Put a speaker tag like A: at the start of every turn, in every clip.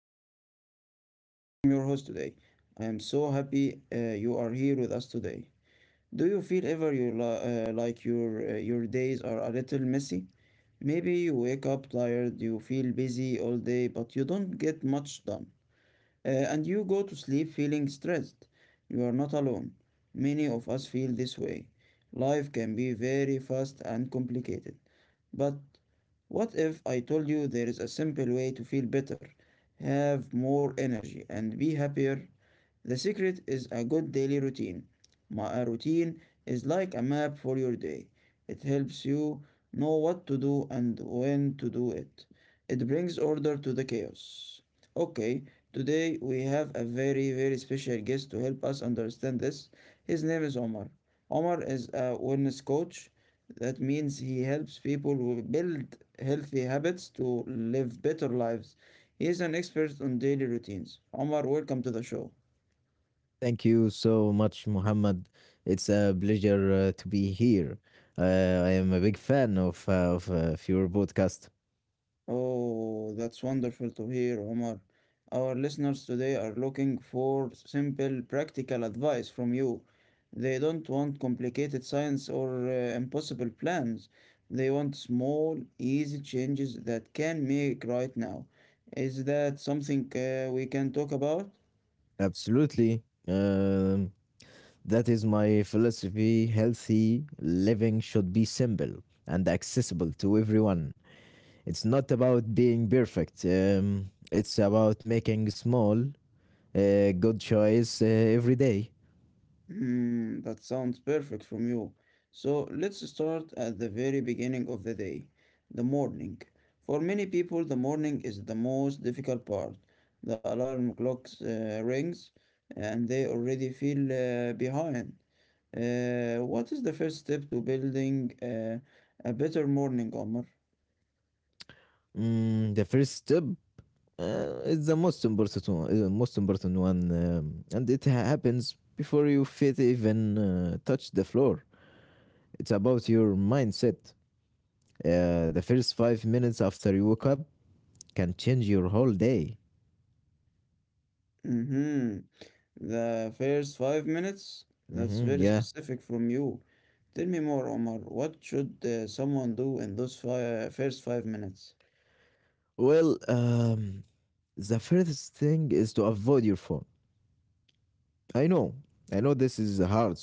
A: is Muhammad and I am your host today. I am so happy, you are here with us today. Do you feel ever you like your days are a little messy? Maybe you wake up tired, you feel busy all day but you don't get much done. And you go to sleep feeling stressed. You are not alone. Many of us feel this way. Life can be very fast and complicated. But what if I told you there is a simple way to feel better, have more energy, and be happier? The secret is a good daily routine. My routine is like a map for your day. It helps you know what to do and when to do it. It brings order to the chaos. Okay, today we have a very, very special guest to help us understand this. His name is Omar. Omar is a wellness coach that means he helps people who build healthy habits to live better lives. He is an expert on daily routines. Omar, welcome to the show.
B: Thank you so much, Muhammad. It's a pleasure to be here. Uh, I am a big fan of of your podcast.
A: Oh, that's wonderful to hear, Omar. Our listeners today are looking for simple, practical advice from you. They don't want complicated science or impossible plans. They want small, easy changes that can make right now. Is that something we can talk about?
B: Absolutely. That is my philosophy. Healthy living should be simple and accessible to everyone. It's not about being perfect. It's about making small, good choice every day.
A: Mm, that sounds perfect from you. So let's start at the very beginning of the day, the morning. For many people, the morning is the most difficult part. The alarm clock rings and they already feel behind. What is the first step to building a better morning, Omar?
B: Mm, the first step. It's the most important one, and happens before your feet even touch the floor. It's about your mindset. The first 5 minutes after you wake up can change your whole day.
A: Mm-hmm. The first 5 minutes? That's very
B: Yeah.
A: specific from you. Tell me more, Omar. What should someone do in those first 5 minutes?
B: Well, the first thing is to avoid your phone. I know. I know this is hard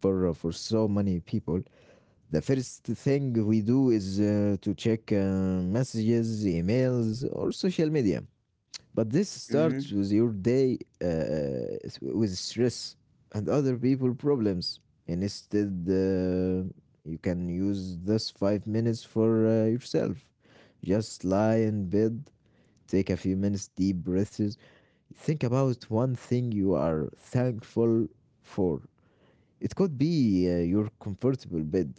B: for so many people. The first thing we do is to check messages, emails, or social media. But this starts
A: Mm-hmm.
B: with your day with stress and other people problems. And instead, you can use this 5 minutes for yourself. Just lie in bed, take a few minutes, deep breaths. Think about one thing you are thankful for. It could be your comfortable bed,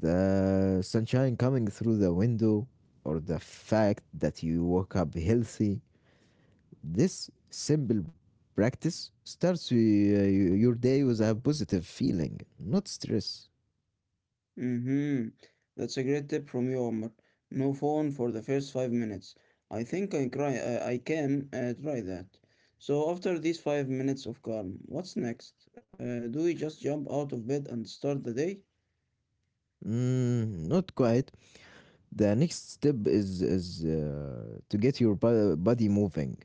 B: the sunshine coming through the window, or the fact that you woke up healthy. This simple practice starts your day with a positive feeling, not stress.
A: Mm-hmm. That's a great tip from you, Omar. No phone for the first 5 minutes. I think I cry. I can try that. So after these 5 minutes of calm, what's next? Do we just jump out of bed and start the day?
B: Mm, not quite. The next step is to get your body moving,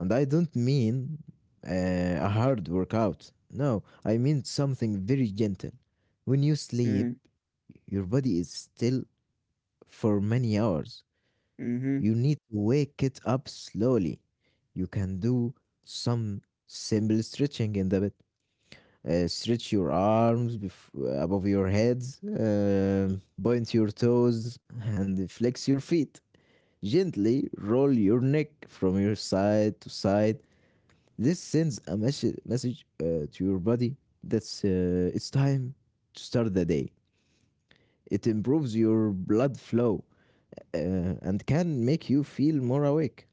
B: and I don't mean uh, a hard workout. No, I mean something very gentle. When you sleep, your body is still for many hours.
A: Mm-hmm.
B: You need to wake it up slowly. You can do some simple stretching in the bed. Stretch your arms above your heads, point your toes, and flex your feet. Gently roll your neck from your side to side. This sends a message to your body that it's time to start the day. It improves your blood flow uh, and can make you feel more awake.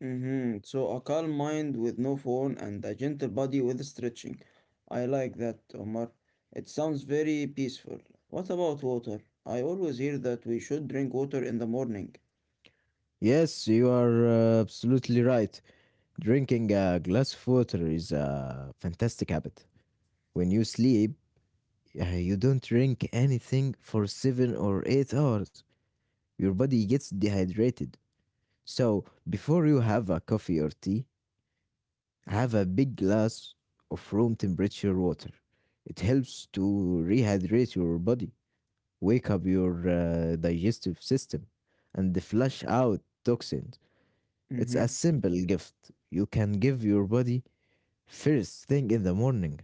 A: Mm-hmm. So a calm mind with no phone and a gentle body with stretching. I like that, Omar. It sounds very peaceful. What about water? I always hear that we should drink water in the morning.
B: Yes, you are absolutely right. Drinking a glass of water is a fantastic habit. When you sleep, you don't drink anything for 7 or 8 hours, your body gets dehydrated. So, before you have a coffee or tea, have a big glass of room temperature water. It helps to rehydrate your body, wake up your digestive system, and flush out toxins. It's
A: Mm-hmm.
B: a simple gift you can give your body first thing in the morning.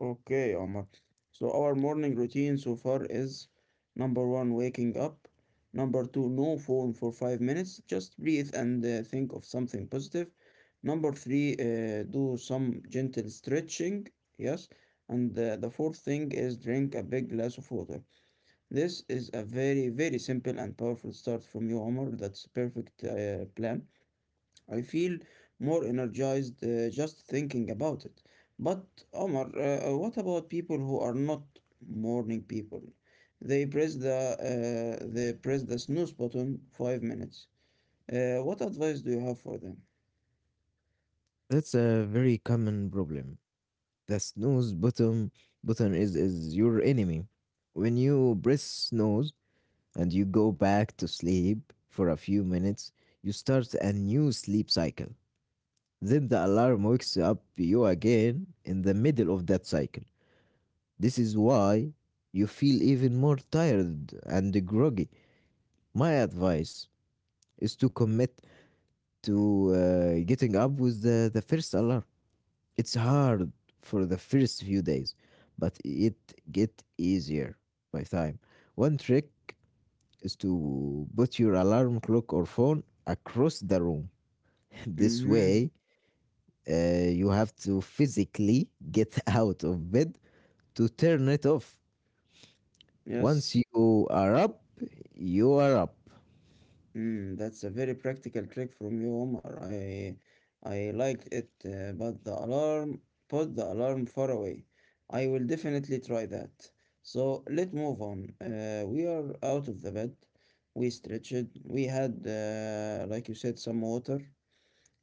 A: Okay, Omar. So our morning routine so far is number one, waking up. Number two, no phone for 5 minutes. Just breathe and think of something positive. Number three, do some gentle stretching. Yes. And the fourth thing is drink a big glass of water. This is a very, very simple and powerful start from you, Omar. That's perfect plan. I feel more energized just thinking about it. But Omar, what about people who are not morning people? They press the snooze button 5 minutes. What advice do you have for them?
B: That's a very common problem. The snooze button is your enemy. When you press snooze and you go back to sleep for a few minutes, you start a new sleep cycle. Then the alarm wakes up you again in the middle of that cycle. This is why you feel even more tired and groggy. My advice is to commit to getting up with the first alarm. It's hard for the first few days, but it get easier by time. One trick is to put your alarm clock or phone across the room. This
A: Mm-hmm.
B: way, you have to physically get out of bed to turn it off.
A: Yes.
B: Once you are up, you are up.
A: Mm, that's a very practical trick from you, Omar. I liked it, but the alarm, put the alarm far away. I will definitely try that. So let's move on. We are out of the bed. We stretched. We had, like you said, some water.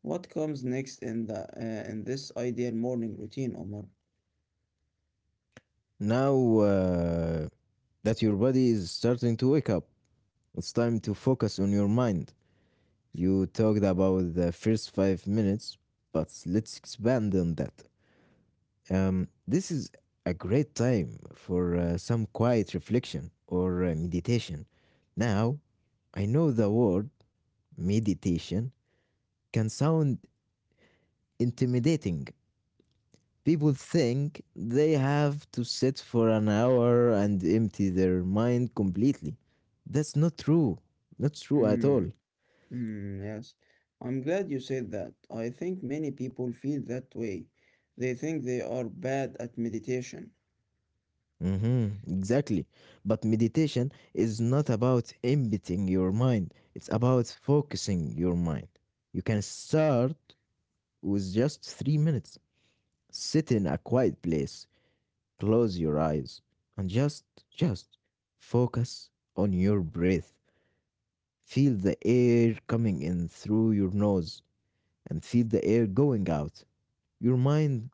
A: What comes next in the in this ideal morning routine, Omar?
B: Now that your body is starting to wake up, it's time to focus on your mind. You talked about the first 5 minutes, but let's expand on that. This is a great time for some quiet reflection or meditation. Now, I know the word meditation can sound intimidating. People think they have to sit for an hour and empty their mind completely. That's not true. Not true at all.
A: Mm. Mm, yes, I'm glad you said that. I think many people feel that way. They think they are bad at meditation.
B: Mm-hmm, exactly. But meditation is not about emptying your mind, it's about focusing your mind. You can start with just 3 minutes. Sit in a quiet place, close your eyes, and just focus on your breath. Feel the air coming in through your nose and feel the air going out. Your mind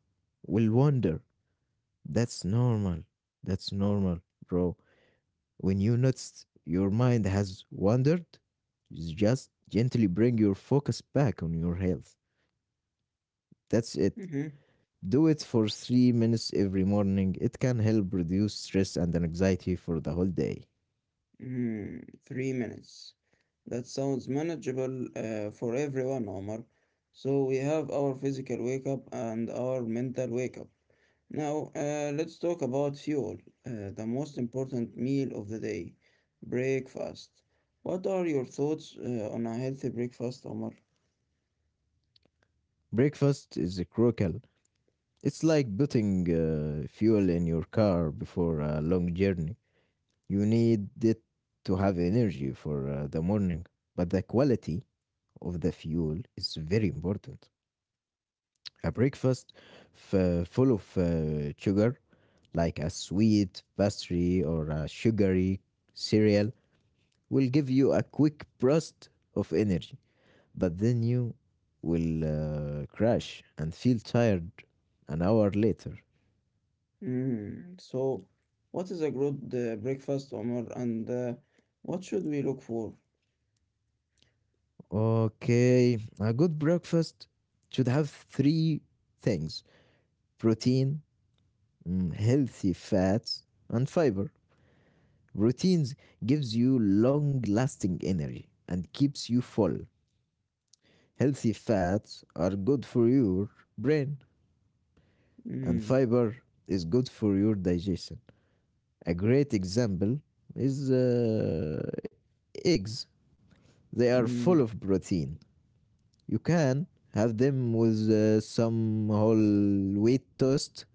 B: will wander. That's normal. That's normal, bro. When you notice your mind has wandered, just gently bring your focus back on your health. That's it.
A: Mm-hmm.
B: Do it for 3 minutes every morning. It can help reduce stress and anxiety for the whole day.
A: Mm, 3 minutes. That sounds manageable for everyone, Omar. So we have our physical wake up and our mental wake up. Now, let's talk about fuel, the most important meal of the day, breakfast. What are your thoughts on a healthy breakfast, Omar?
B: Breakfast is crucial. It's like putting fuel in your car before a long journey. You need it to have energy for the morning, but the quality of the fuel is very important. A breakfast full of sugar, like a sweet pastry or a sugary cereal, will give you a quick burst of energy, but then you will crash and feel tired an hour later.
A: Mm. So, what is a good breakfast, Omar, and what should we look for?
B: Okay, a good breakfast should have three things: protein, mm, healthy fats, and fiber. Proteins gives you long lasting energy and keeps you full. Healthy fats are good for your brain, and
A: Mm,
B: fiber is good for your digestion. A great example is eggs, they are full
A: mm,
B: of protein. You can have them with some whole wheat toast,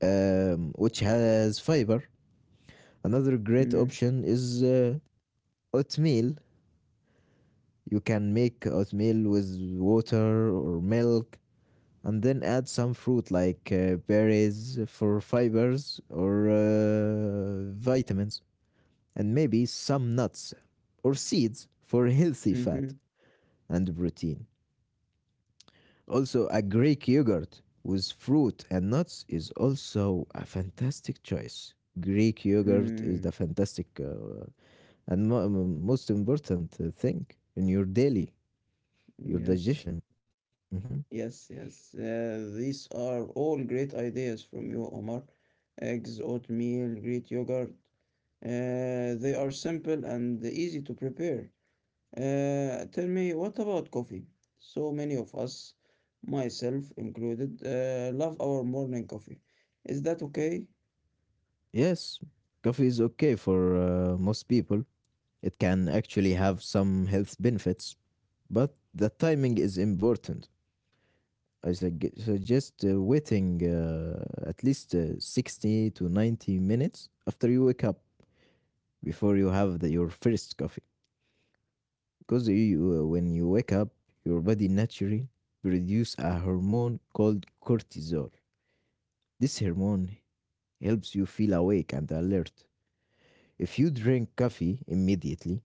B: which has fiber. Another great
A: mm,
B: option is oatmeal. You can make oatmeal with water or milk and then add some fruit like berries for fibers or vitamins, and maybe some nuts or seeds for healthy
A: mm-hmm,
B: fat and protein. Also, a Greek yogurt with fruit and nuts is also a fantastic choice. Greek yogurt is
A: mm.
B: the fantastic and most important thing in your daily, your
A: Yes,
B: digestion. Mhm.
A: yes, yes. These are all great ideas from you, Omar. Eggs, oatmeal, Greek yogurt. They are simple and easy to prepare. Tell me, what about coffee? So many of us, myself included, love our morning coffee. Is that okay?
B: Yes, coffee is okay for most people. It can actually have some health benefits, but the timing is important. I suggest waiting at least 60 to 90 minutes after you wake up before you have your first coffee, because you, when you wake up your body naturally produces a hormone called cortisol. This hormone helps you feel awake and alert. If you drink coffee immediately,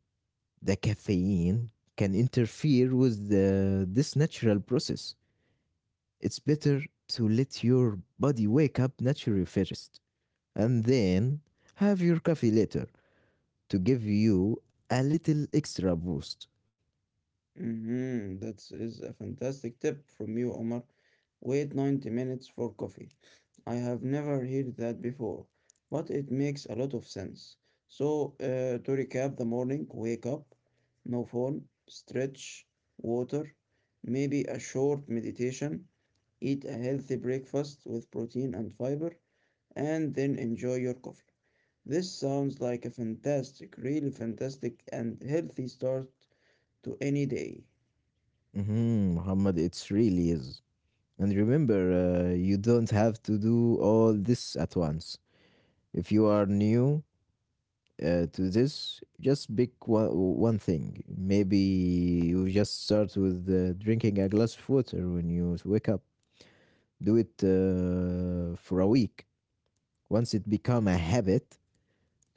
B: the caffeine can interfere with this natural process. It's better to let your body wake up naturally first and then have your coffee later to give you a little extra boost.
A: Mm-hmm. That is a fantastic tip from you, Omar. Wait 90 minutes for coffee. I have never heard that before, but it makes a lot of sense. So, to recap the morning, wake up, no phone, stretch, water, maybe a short meditation, eat a healthy breakfast with protein and fiber, and then enjoy your coffee. This sounds like a fantastic, really fantastic, and healthy start to any day.
B: Mhm, Muhammad, it really is. And remember, you don't have to do all this at once. If you are new to this, just pick one thing. Maybe you just start with drinking a glass of water when you wake up. Do it for a week. Once it become a habit,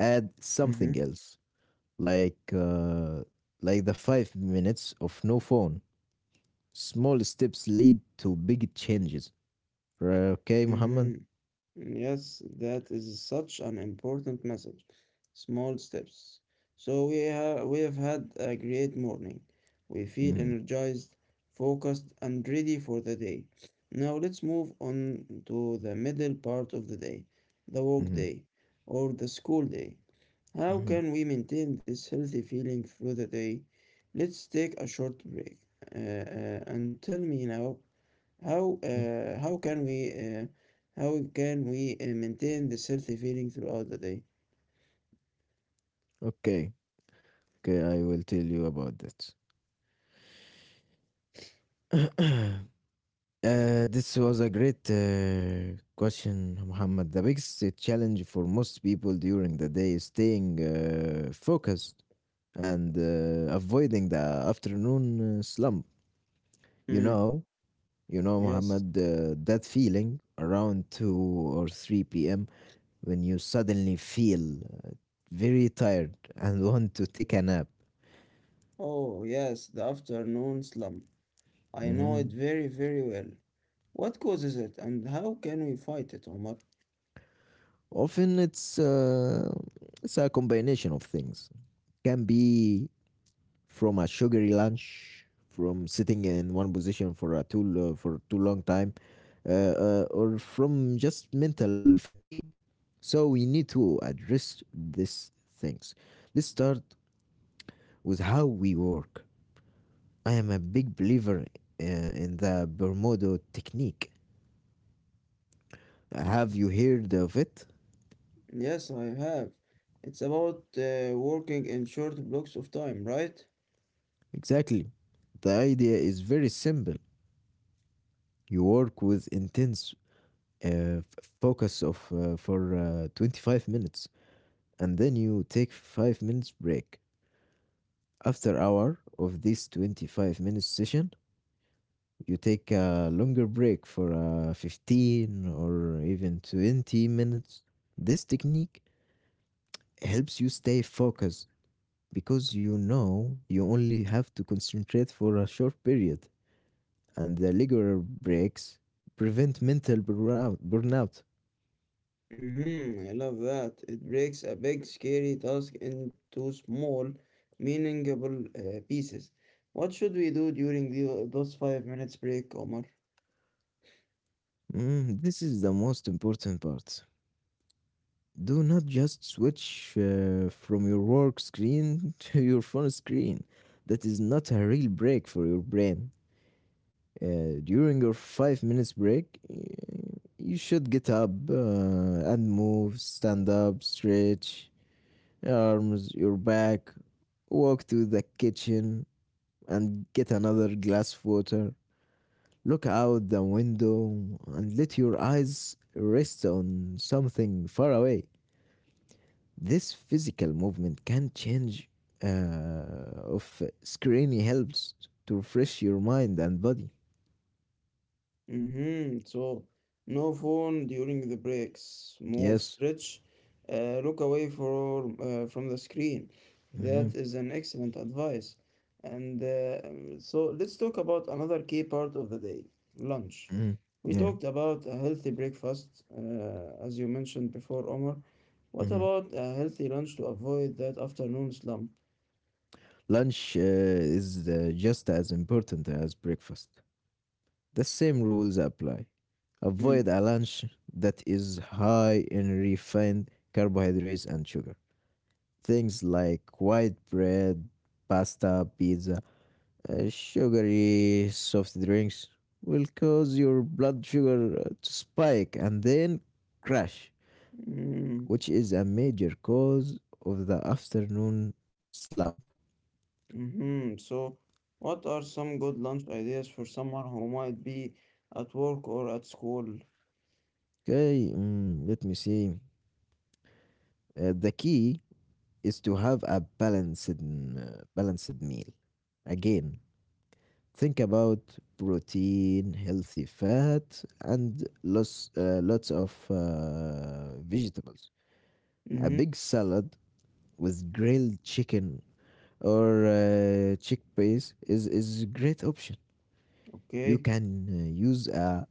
B: add
A: Mhm,
B: something else, like uh, like the 5 minutes of no phone. Small steps lead to big changes. Right, okay, Muhammad.
A: mhm. Yes, that is such an important message. Small steps. So we have had a great morning. We feel
B: Mm-hmm,
A: energized, focused, and ready for the day. Now let's move on to the middle part of the day, the work
B: mm-hmm,
A: day or the school day. How
B: mm-hmm,
A: can we maintain this healthy feeling through the day? Let's take a short break. And tell me now how
B: mm.
A: uh, how can we uh, how can we maintain this healthy feeling throughout the day?
B: Okay, okay, I will tell you about that. This was a great question, Muhammad. The biggest challenge for most people during the day is staying focused and avoiding the afternoon slump. You
A: Mm.
B: know, you know,
A: Yes.
B: Muhammad, that feeling around 2 or 3 p.m. when you suddenly feel very tired and want to take a nap.
A: Oh, yes, the afternoon slump. I know it
B: Mhm.
A: very, very well. What causes it and how can we fight it, Omar?
B: Often it's a combination of things. Can be from a sugary lunch, from sitting in one position for for too long time, uh, or from just mental fatigue. So we need to address these things. Let's start with how we work. I am a big believer uh, in the Bermudo technique. Have you heard of it?
A: Yes, I have. It's about working in short blocks of time, right?
B: Exactly. The idea is very simple. You work with intense uh, f- focus of for 25 minutes and then you take 5 minutes break. After hour of this 25-minute session, you take a longer break for 15 or even 20 minutes. This technique helps you stay focused because you know you only have to concentrate for a short period and the regular breaks prevent mental burnout.
A: Mm-hmm, I love that. It breaks a big, scary task into small, meaningful pieces. What should we do during those 5 minutes break, Omar?
B: Mm, this is the most important part. Do not just switch from your work screen to your phone screen. That is not a real break for your brain. During your 5 minutes break, you should get up and move, stand up, stretch your arms, your back, walk to the kitchen and get another glass of water. Look out the window and let your eyes rest on something far away. This physical movement can change of screen helps to refresh your mind and body.
A: Mm-hmm. So no phone during the breaks. Move,
B: Yes.
A: stretch, look away for from the screen.
B: Hmm.
A: That is an excellent advice. And so let's talk about another key part of the day, lunch.
B: Hmm.
A: We
B: Yeah.
A: talked about a healthy breakfast, as you mentioned before, Omar. What
B: Hmm.
A: about a healthy lunch to avoid that afternoon slump?
B: Lunch is just as important as breakfast. The same rules apply. Avoid a lunch that is high in refined carbohydrates and sugar. Things like white bread, pasta, pizza, sugary soft drinks will cause your blood sugar to spike and then crash,
A: Mm-hmm.
B: which is a major cause of the afternoon slump.
A: Mm-hmm. So, what are some good lunch ideas for someone who might be at work or at school?
B: Okay, mm, let me see. The key is to have a balanced meal. Again, think about protein, healthy fat, and lots of vegetables. A
A: Mm-hmm.
B: big salad with grilled chicken or chickpeas is a great option. You
A: Okay.
B: can use a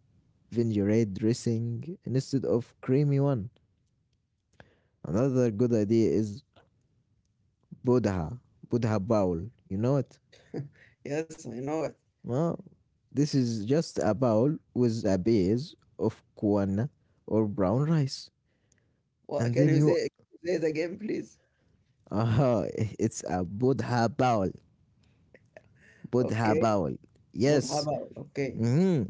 B: vinaigrette dressing instead of creamy one. Another good idea is Buddha, Buddha bowl. You know it?
A: Yes, I know it.
B: Well, this is just a bowl with a base of quinoa or brown rice.
A: What
B: And
A: can
B: then
A: you say? Can you say it again, please.
B: aha, it's a Buddha bowl. Buddha
A: Okay.
B: bowl.
A: What
B: Yes.
A: about? Okay.
B: Hmm.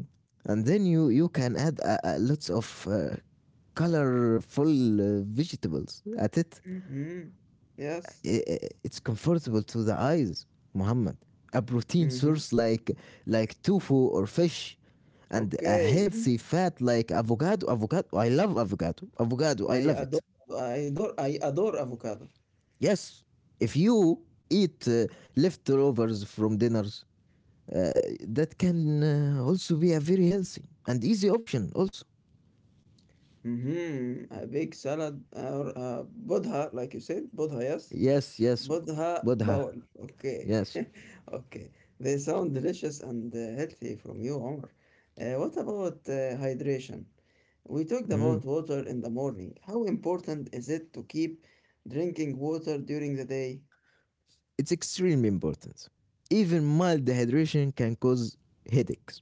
B: And then you can add a lots of colorful vegetables at it.
A: Mm-hmm. Yes.
B: It's comfortable to the eyes, Muhammad. A protein
A: Mm-hmm.
B: source like tofu or fish, and a
A: Okay.
B: healthy fat like avocado. Avocado. I love avocado. Avocado. I love
A: I
B: it.
A: adore. I adore. I adore avocado.
B: Yes. If you eat leftovers from dinners uh, that can also be a very healthy and easy option also.
A: Mm-hmm. A big salad or a bodha, like you said, bodha. Yes.
B: Yes, yes.
A: Buddha
B: Buddha.
A: Bowl. Okay.
B: Yes.
A: Okay. They sound delicious and healthy from you, Omar. What about hydration? We talked
B: Mhm.
A: about water in the morning. How important is it to keep drinking water during the day?
B: It's extremely important. Even mild dehydration can cause headaches,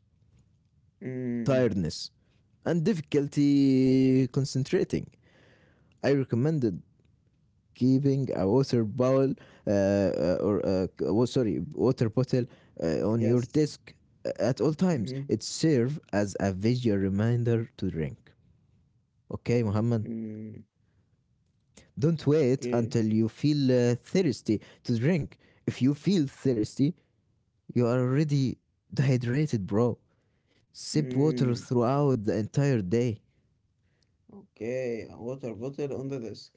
A: Mm,
B: tiredness, and difficulty concentrating. I recommended keeping a water bowl or wa- sorry water bottle on your
A: yes.
B: desk at all times.
A: Mm-hmm.
B: It serves as a visual reminder to drink. Okay, Muhammad.
A: Mm,
B: Don't wait
A: okay.
B: until you feel thirsty to drink. If you feel thirsty, you are already dehydrated, bro. Sip water
A: Mm.
B: throughout the entire day.
A: Okay, a water bottle on the desk.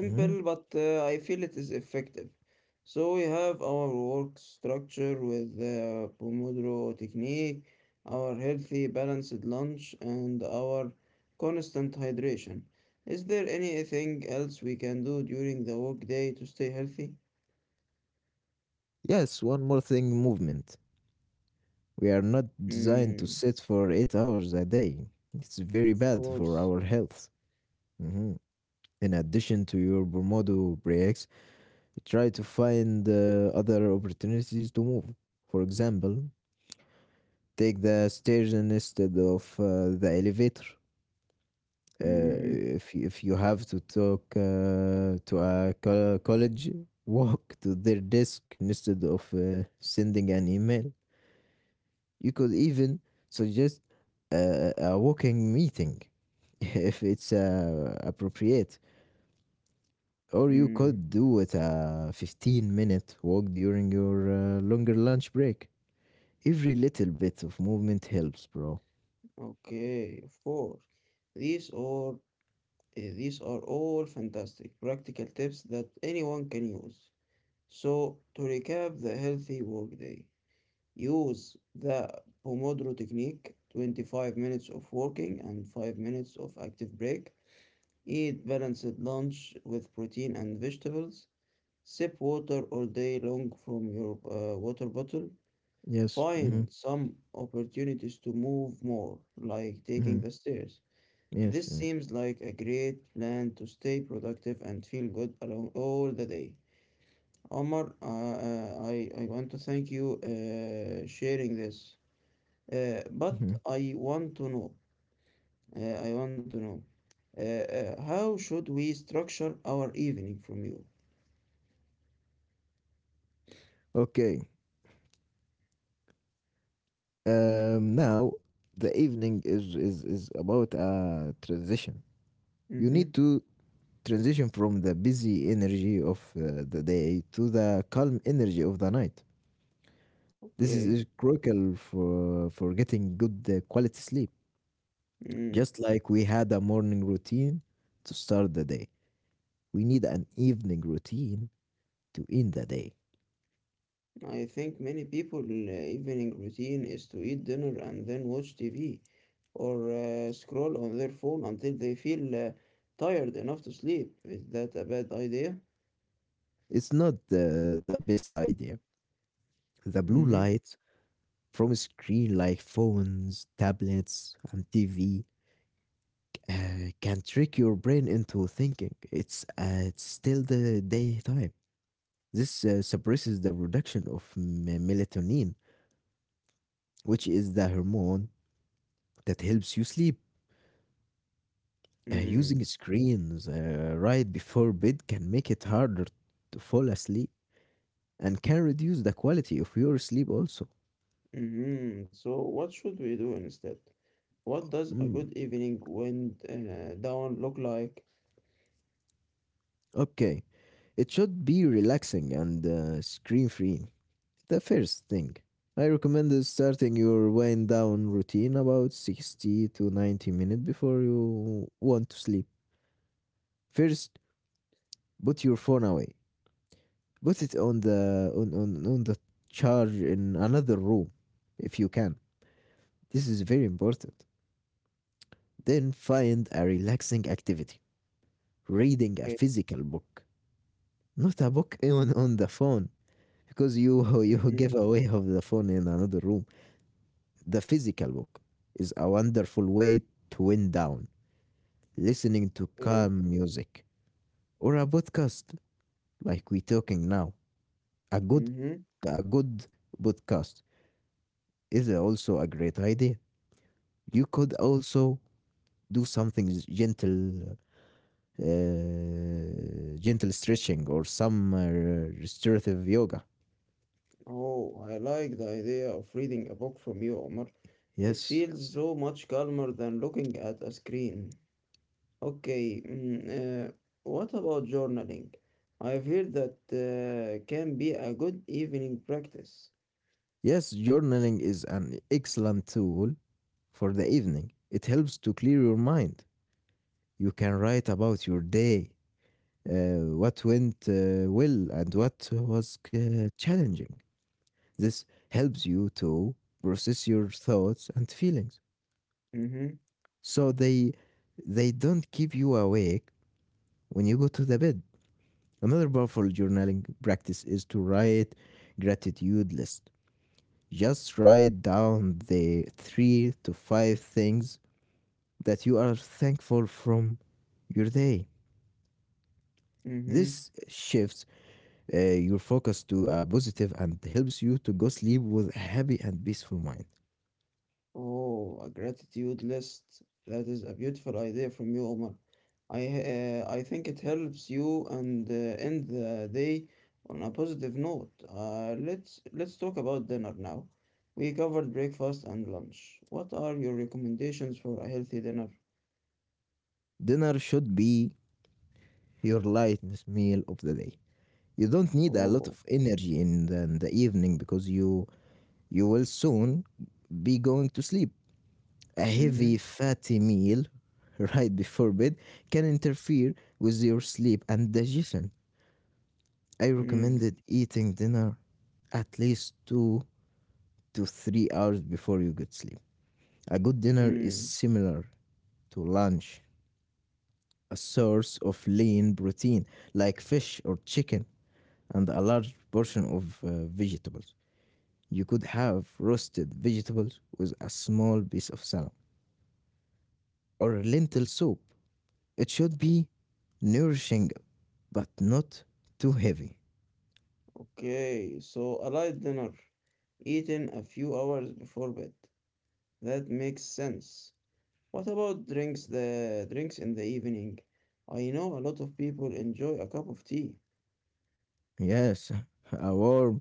B: Mhm.
A: but I feel it is effective. So we have our work structure with the Pomodoro technique, our healthy balanced lunch, and our constant hydration. Is there anything else we can do during the workday to stay healthy?
B: Yes, one more thing, movement. We are not designed to
A: Mm,
B: sit for 8 hours a day. It's very
A: of
B: bad for
A: course.
B: our health. Mhm. In addition to your Pomodoro breaks, try to find other opportunities to move. For example, take the stairs instead of the elevator.
A: Mm,
B: If you have to talk to a college, walk to their desk instead of sending an email. You could even suggest a walking meeting if it's appropriate, or you
A: mm,
B: could do it a 15-minute walk during your longer lunch break. Every little bit of movement helps, bro.
A: okay, of course. These are These are all fantastic practical tips that anyone can use. So, to recap the healthy workday, use the Pomodoro technique 25 minutes of working and 5 minutes of active break. Eat balanced lunch with protein and vegetables. Sip water all day long from your water bottle.
B: Yes. Mm-hmm.
A: Find some opportunities to move more, like taking
B: Mm-hmm.
A: the stairs.
B: Yes.
A: This seems like a great plan to stay productive and feel good along all the day. Omar, I want to thank you sharing this. But
B: Mm-hmm.
A: I want to know, uh, I want to know, how should we structure our evening from you?
B: Okay. Now the evening is about a transition. You need
A: Mm-hmm.
B: to transition from the busy energy of the day to the calm energy of the night. This is
A: Okay.
B: critical for getting good quality sleep.
A: Mm.
B: Just like we had a morning routine to start the day, we need an evening routine to end the day.
A: I think many people evening routine is to eat dinner and then watch TV or scroll on their phone until they feel tired enough to sleep. Is that a bad idea?
B: It's not the best idea. The blue
A: Mm-hmm.
B: light from a screen like phones, tablets, and TV uh, can trick your brain into thinking it's still the daytime. This suppresses the production of melatonin, which is the hormone that helps you sleep.
A: Mm-hmm.
B: Using screens right before bed can make it harder to fall asleep and can reduce the quality of your sleep also.
A: Mm-hmm. So what should we do instead? What does a
B: Mm,
A: good evening wind down look like?
B: Okay, it should be relaxing and screen free. The first thing I recommend is starting your wind down routine about 60 to 90 minutes before you want to sleep. First, put your phone away. Put it on the charge in another room if you can. This is very important. Then find a relaxing activity. Reading
A: Eh,
B: a physical book, not a book on the phone because you you
A: mhm,
B: give away of the phone in another room. The physical book is a wonderful way to wind down, listening to
A: eh,
B: calm music or a podcast like we talking now. A good
A: mhm.
B: a good podcast is also a great idea. You could also do something gentle stretching or some restorative yoga.
A: Oh, I like the idea of reading a book from you, Omar. It
B: Yes.
A: feels so much calmer than looking at a screen. Okay, mm, what about journaling? I've heard that can be a good evening practice.
B: Yes, journaling is an excellent tool for the evening. It helps to clear your mind. You can write about your day, what went well and what was challenging. This helps you to process your thoughts and feelings,
A: Mm-hmm,
B: so they don't keep you awake when you go to the bed. Another powerful journaling practice is to write gratitude list. Just write down the three to five things that you are thankful from your day.
A: mm-hmm.
B: This shifts your focus to a positive and helps you to go sleep with a happy and peaceful mind.
A: Oh, a gratitude list. That is a beautiful idea from you, Omar. I think it helps you and end the day on a positive note. Let's talk about dinner now. We covered breakfast and lunch. What are your recommendations for a healthy dinner?
B: Dinner should be your lightest meal of the day. You don't need a lot
A: Oh,
B: of energy in the evening because you will soon be going to sleep. A
A: mm-hmm,
B: heavy fatty meal right before bed can interfere with your sleep and digestion. I
A: mm,
B: recommended eating dinner at least 2 to 3 hours before you get sleep. A good dinner is
A: mm.
B: similar to lunch, a source of lean protein like fish or chicken, and a large portion of vegetables. You could have roasted vegetables with a small piece of salad or lentil soup. It should be nourishing but not too heavy.
A: Okay, so a light dinner, eaten a few hours before bed. That makes sense. What about drinks the drinks in the evening? I know a lot of people enjoy a cup of tea.
B: Yes, a warm,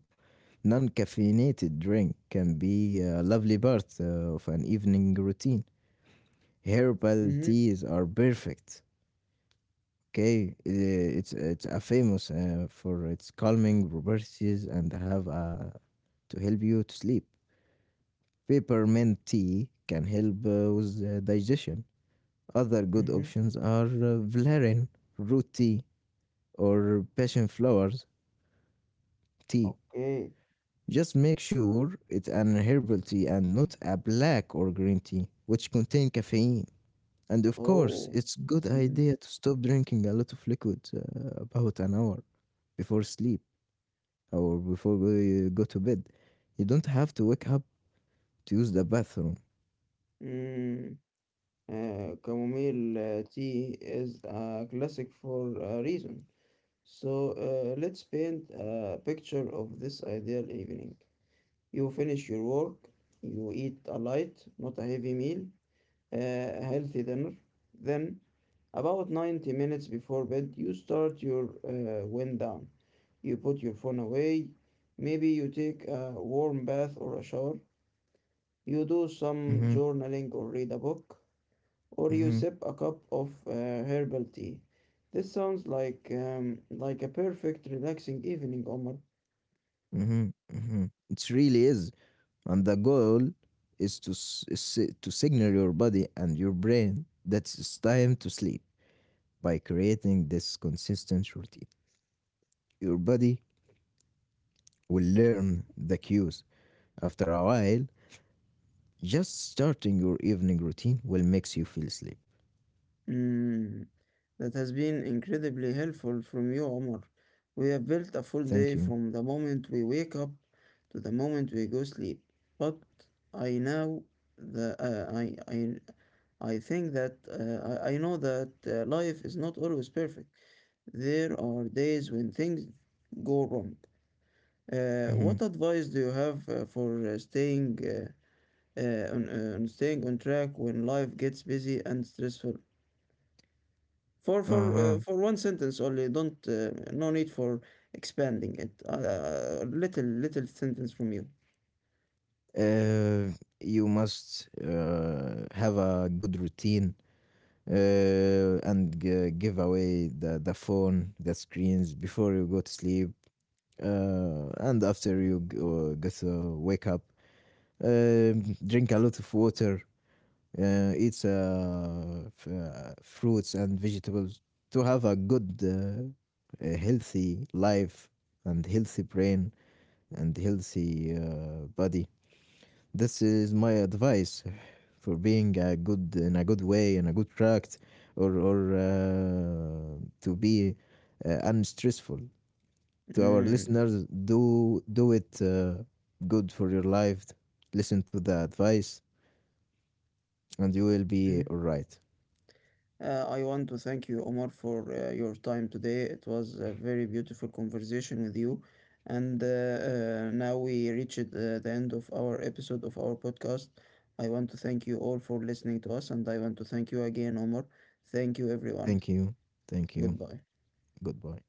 B: non caffeinated drink can be a lovely part of an evening routine. Herbal
A: Mm-hmm.
B: teas are perfect. Okay, it's a famous for its calming properties and have to help you to sleep. Peppermint tea can help with digestion. Other good
A: Mm-hmm.
B: options are valerian, root tea, or passion flowers tea.
A: Okay.
B: Just make sure it's an herbal tea and not a black or green tea, which contain caffeine. And of course,
A: Oh.
B: it's good
A: Mm.
B: idea to stop drinking a lot of liquid about an hour before sleep or before you go to bed. You don't have to wake up to use the bathroom.
A: Mm. Chamomile tea is a classic for a reason. So let's paint a picture of this ideal evening. You finish your work, you eat a light, not a heavy meal, a healthy dinner. Then, about 90 minutes before bed, you start your wind down. You put your phone away. Maybe you take a warm bath or a shower. You do some
B: Mm-hmm,
A: journaling or read a book, or you
B: mm-hmm,
A: sip a cup of herbal tea. This sounds like a perfect relaxing evening, Omar.
B: mm-hmm, mm-hmm. It really is, and the goal is to signal your body and your brain that it's time to sleep by creating this consistent routine. Your body will learn the cues. After a while, just starting your evening routine will makes you feel sleep.
A: Mm. That has been incredibly helpful from you, Omar. We have built a full day
B: Thank you.
A: from the moment we wake up to the moment we go sleep. But I know the I think that I know that life is not always perfect. There are days when things go wrong.
B: Mhm.
A: What advice do you have for staying on staying on track when life gets busy and stressful? For
B: Uh-huh.
A: for one sentence only. Don't no need for expanding it. Little sentence from you.
B: Uh, you must have a good routine and give away the phone, the screens before you go to sleep. And after you get to wake up, Um drink a lot of water eats fruits and vegetables to have a healthy life and healthy brain and healthy body. This is my advice for being a good in a good way in a good track or to be unstressful to our
A: Mm.
B: listeners, do it good for your life, listen to the advice and you will be
A: Mm.
B: all right.
A: I want to thank you, Omar, for your time today. It was a very beautiful conversation with you, and now we reached the end of our episode of our podcast. I want to thank you all for listening to us, and I want to thank you again, Omar. Thank you, everyone.
B: Thank you. Thank you.
A: Goodbye.
B: Goodbye.